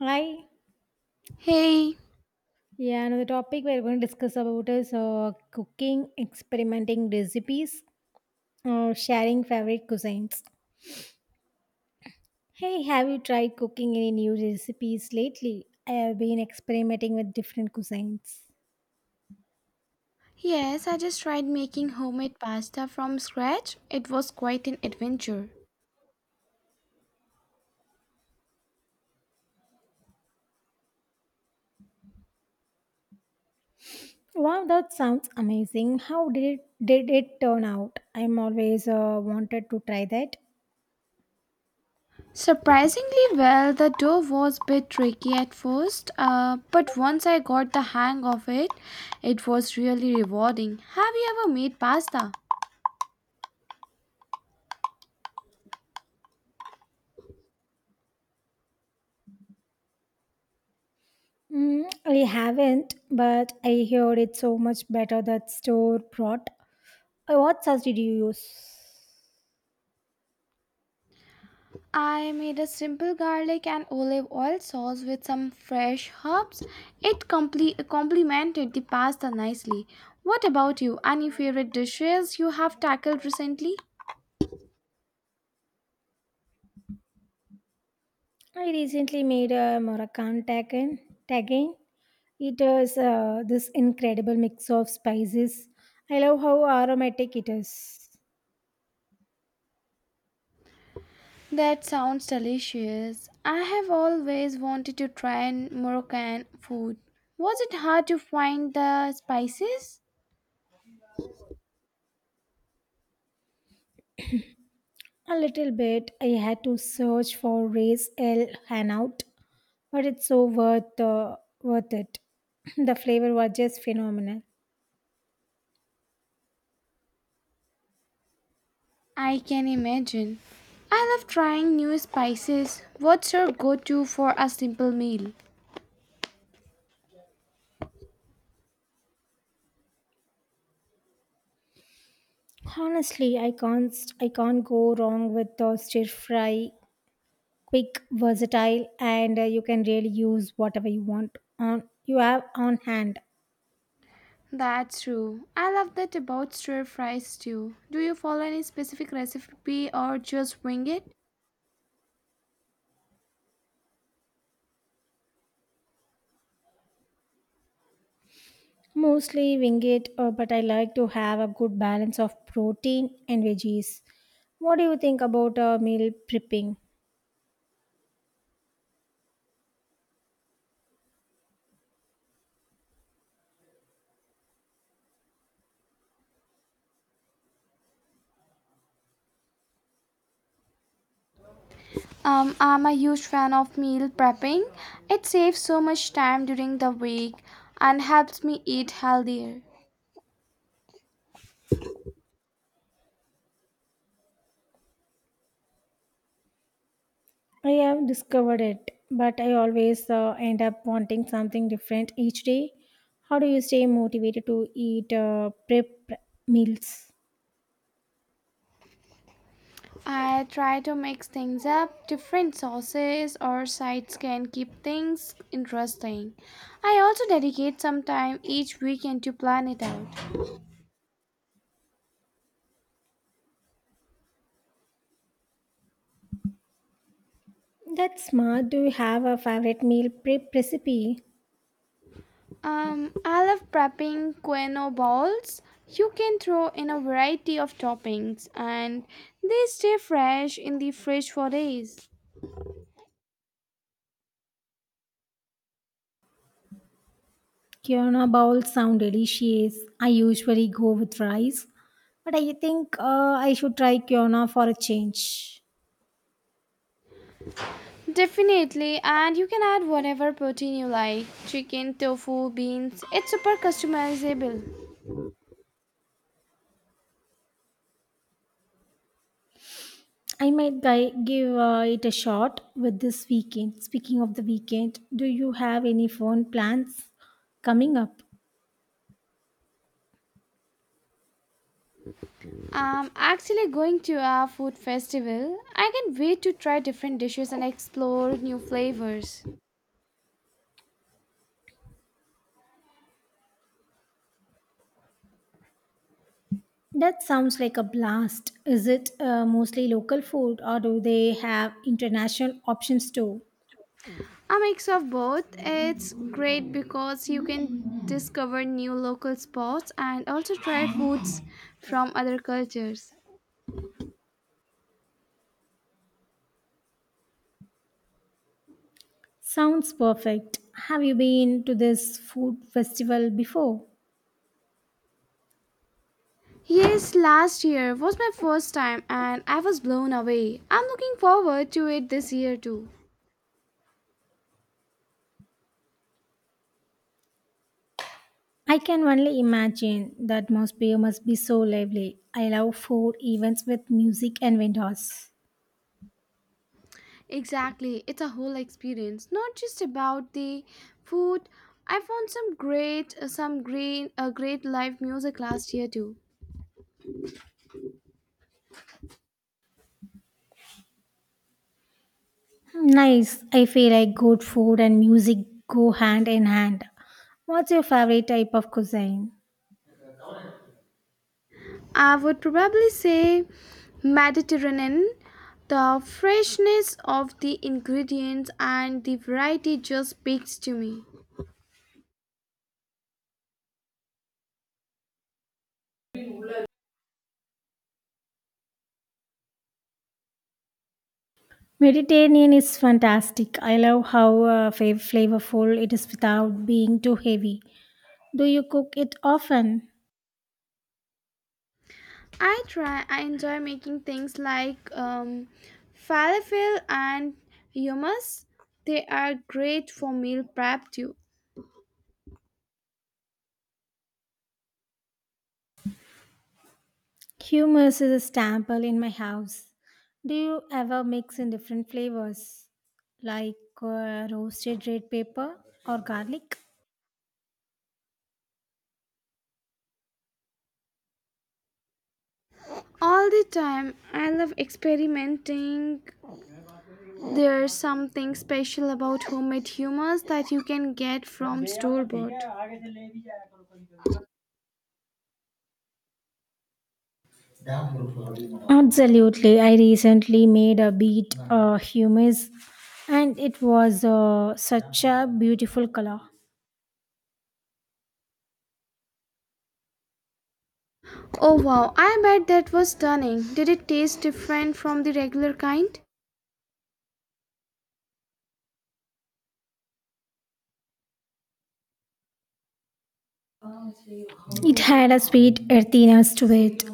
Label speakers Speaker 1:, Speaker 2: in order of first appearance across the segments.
Speaker 1: Hi.
Speaker 2: Hey,
Speaker 1: Yeah, another topic we're going to discuss about is cooking, experimenting recipes, or sharing favorite cuisines. Hey, have you tried cooking any new recipes lately? I have been experimenting with different cuisines.
Speaker 2: yes, I just tried making homemade pasta from scratch. It was quite an adventure.
Speaker 1: Wow, that sounds amazing. Did it turn out? I'm always wanted to try that.
Speaker 2: Surprisingly well, the dough was a bit tricky at first, but once I got the hang of it, it was really rewarding. Have you ever made pasta?
Speaker 1: Mm, I haven't, but I heard it's so much better that store brought. What sauce did you use?
Speaker 2: I made a simple garlic and olive oil sauce with some fresh herbs. It complemented the pasta nicely. What about you? Any favorite dishes you have tackled recently?
Speaker 1: I recently made a Moroccan tagine. It is this incredible mix of spices. I love how aromatic it is.
Speaker 2: That sounds delicious. I have always wanted to try an Moroccan food. Was it hard to find the spices?
Speaker 1: A little bit I had to search for Raise El Hanout, but it's so worth it. The flavor was just phenomenal.
Speaker 2: I can imagine. I love trying new spices. What's your go to for a simple meal?
Speaker 1: Honestly, I can't go wrong with the stir fry. Quick, versatile, and you can really use whatever you want on you have on hand.
Speaker 2: That's true. I love that about stir fries too. Do you follow any specific recipe or just wing it?
Speaker 1: Mostly wing it, but I like to have a good balance of protein and veggies. What do you think about meal prepping?
Speaker 2: I'm a huge fan of meal prepping. It saves so much time during the week and helps me eat healthier.
Speaker 1: I have discovered it, but I always end up wanting something different each day. How do you stay motivated to eat prep meals?
Speaker 2: I try to mix things up. Different sauces or sides can keep things interesting. I also dedicate some time each weekend to plan it out.
Speaker 1: That's smart. Do you have a favorite meal prep recipe?
Speaker 2: I love prepping quinoa balls. You can throw in a variety of toppings and they stay fresh in the fridge for days.
Speaker 1: Kiona bowls sound delicious. I usually go with rice, but I think I should try Kiona for a change.
Speaker 2: Definitely, and you can add whatever protein you like chicken, tofu, beans. It's super customizable.
Speaker 1: I might give it a shot with this weekend. Speaking of the weekend, do you have any fun plans coming up?
Speaker 2: I'm actually going to a food festival. I can't wait to try different dishes and explore new flavors.
Speaker 1: That sounds like a blast. Is it mostly local food or do they have international options too?
Speaker 2: A mix of both. It's great because you can discover new local spots and also try foods from other cultures.
Speaker 1: Sounds perfect. Have you been to this food festival before?
Speaker 2: Yes, last year was my first time and I was blown away. I'm looking forward to it this year too.
Speaker 1: I can only imagine that atmosphere must be so lively. I love food events with music and vendors.
Speaker 2: Exactly, it's a whole experience, not just about the food. I found great live music last year too.
Speaker 1: Nice. I feel like good food and music go hand in hand. What's your favorite type of cuisine?
Speaker 2: I would probably say Mediterranean. The freshness of the ingredients and the variety just speaks to me.
Speaker 1: Mediterranean is fantastic. I love how flavorful it is without being too heavy. Do you cook it often?
Speaker 2: I try, I enjoy making things like falafel and hummus. They are great for meal prep too.
Speaker 1: Hummus is a staple in my house. Do you ever mix in different flavors like roasted red pepper or garlic?
Speaker 2: All the time, I love experimenting. There's something special about homemade hummus that you can get from store bought.
Speaker 1: Absolutely. I recently made a beet humus and it was such a beautiful color.
Speaker 2: Oh wow, I bet that was stunning. Did it taste different from the regular kind?
Speaker 1: It had a sweet earthiness to it.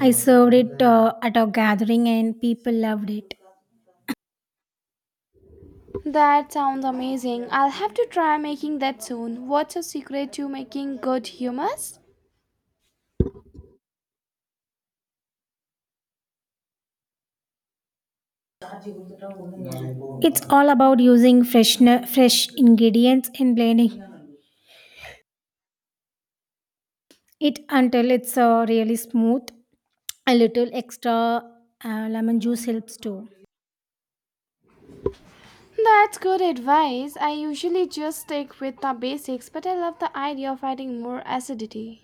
Speaker 1: I served it at a gathering and people loved it.
Speaker 2: That sounds amazing. I'll have to try making that soon. What's your secret to making good hummus?
Speaker 1: It's all about using fresh ingredients and blending it until it's really smooth. A little extra lemon juice helps too.
Speaker 2: That's good advice. I usually just stick with the basics, but I love the idea of adding more acidity.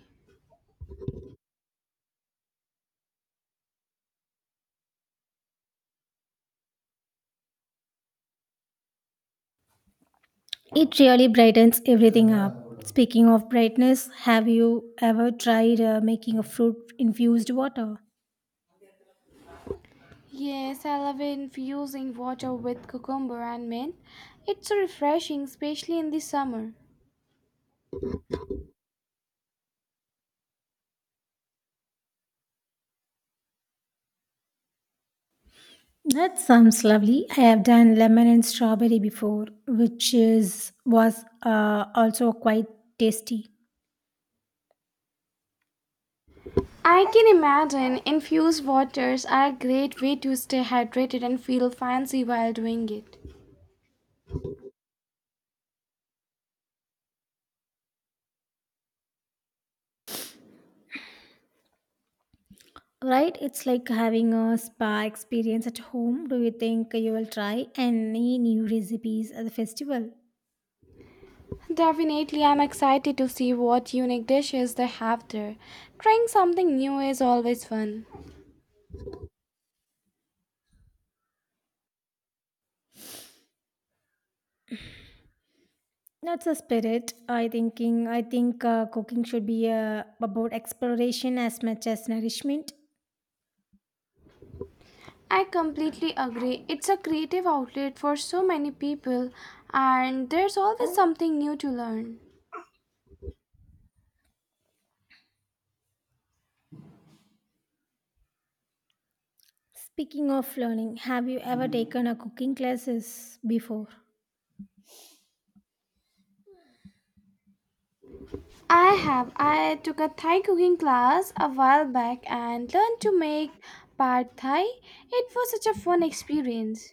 Speaker 1: It really brightens everything up. Speaking of brightness, have you ever tried making a fruit infused water?
Speaker 2: Yes, I love infusing water with cucumber and mint. It's so refreshing, especially in the summer.
Speaker 1: That sounds lovely. I have done lemon and strawberry before, which is was also quite tasty.
Speaker 2: I can imagine infused waters are a great way to stay hydrated and feel fancy while doing it.
Speaker 1: Right? It's like having a spa experience at home. Do you think you will try any new recipes at the festival?
Speaker 2: Definitely, I'm excited to see what unique dishes they have there. Trying something new is always fun.
Speaker 1: That's a spirit. I think cooking should be about exploration as much as nourishment.
Speaker 2: I completely agree. It's a creative outlet for so many people, and there's always something new to learn.
Speaker 1: Speaking of learning, have you ever taken a cooking classes before?
Speaker 2: I have. I took a Thai cooking class a while back and learned to make pad Thai. It was such a fun experience.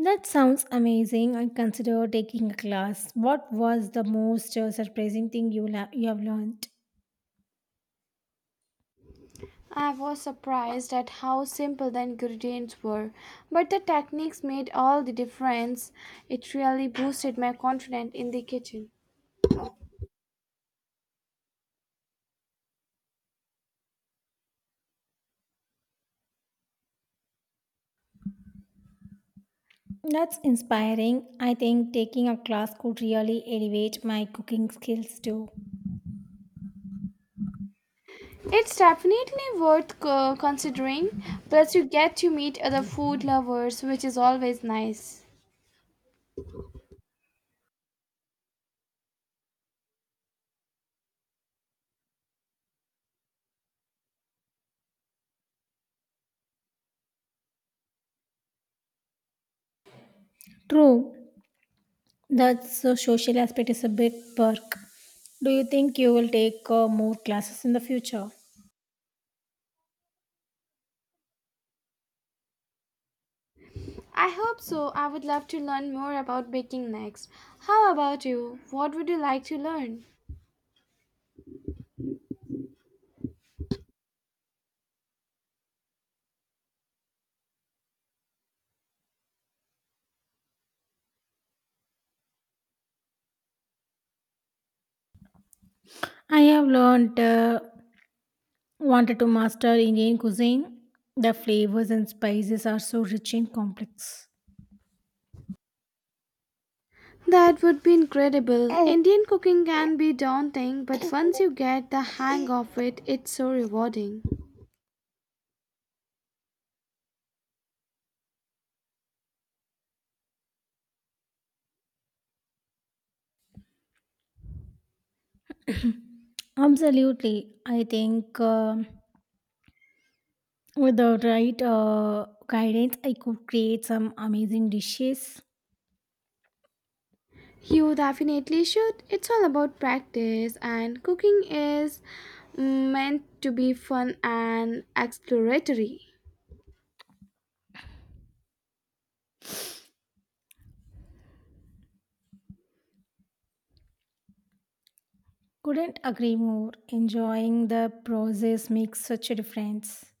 Speaker 1: That sounds amazing. I consider taking a class. What was the most surprising thing you have learned?
Speaker 2: I was surprised at how simple the ingredients were, but the techniques made all the difference. It really boosted my confidence in the kitchen.
Speaker 1: That's inspiring. I think taking a class could really elevate my cooking skills too.
Speaker 2: It's definitely worth considering, plus, you get to meet other food lovers, which is always nice.
Speaker 1: True. That's the social aspect is a big perk. Do you think you will take more classes in the future?
Speaker 2: I hope so. I would love to learn more about baking next. How about you? What would you like to learn?
Speaker 1: I have learned wanted to master Indian cuisine? The flavors and spices are so rich and complex.
Speaker 2: That would be incredible. Indian cooking can be daunting, but once you get the hang of it, it's so rewarding.
Speaker 1: Absolutely. I think with the right guidance, I could create some amazing dishes.
Speaker 2: You definitely should. It's all about practice, and cooking is meant to be fun and exploratory.
Speaker 1: Couldn't agree more. Enjoying the process makes such a difference.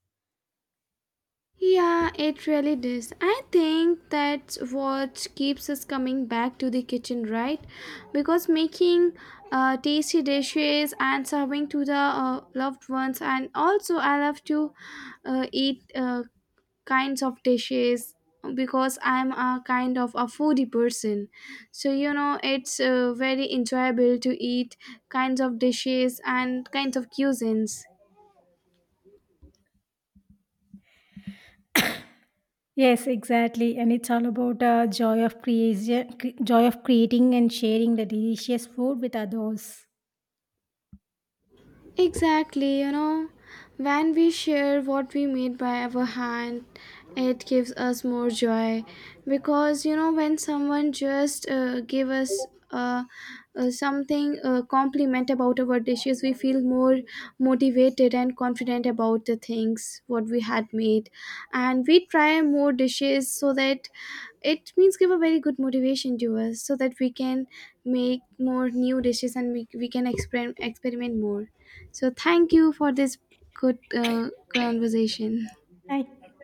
Speaker 2: Yeah, it really does. I think that's what keeps us coming back to the kitchen, right? Because making tasty dishes and serving to the loved ones, and also I love to eat kinds of dishes because I'm a kind of a foodie person. So, you know, it's very enjoyable to eat kinds of dishes and kinds of cuisines.
Speaker 1: Yes, exactly, and it's all about joy of joy of creating and sharing the delicious food with others.
Speaker 2: Exactly, you know, when we share what we made by our hand, it gives us more joy because you know when someone just give us uh, something compliment about our dishes, we feel more motivated and confident about the things what we had made and we try more dishes so that it means give a very good motivation to us so that we can make more new dishes and we can experiment more so thank you for this good conversation
Speaker 1: Thank,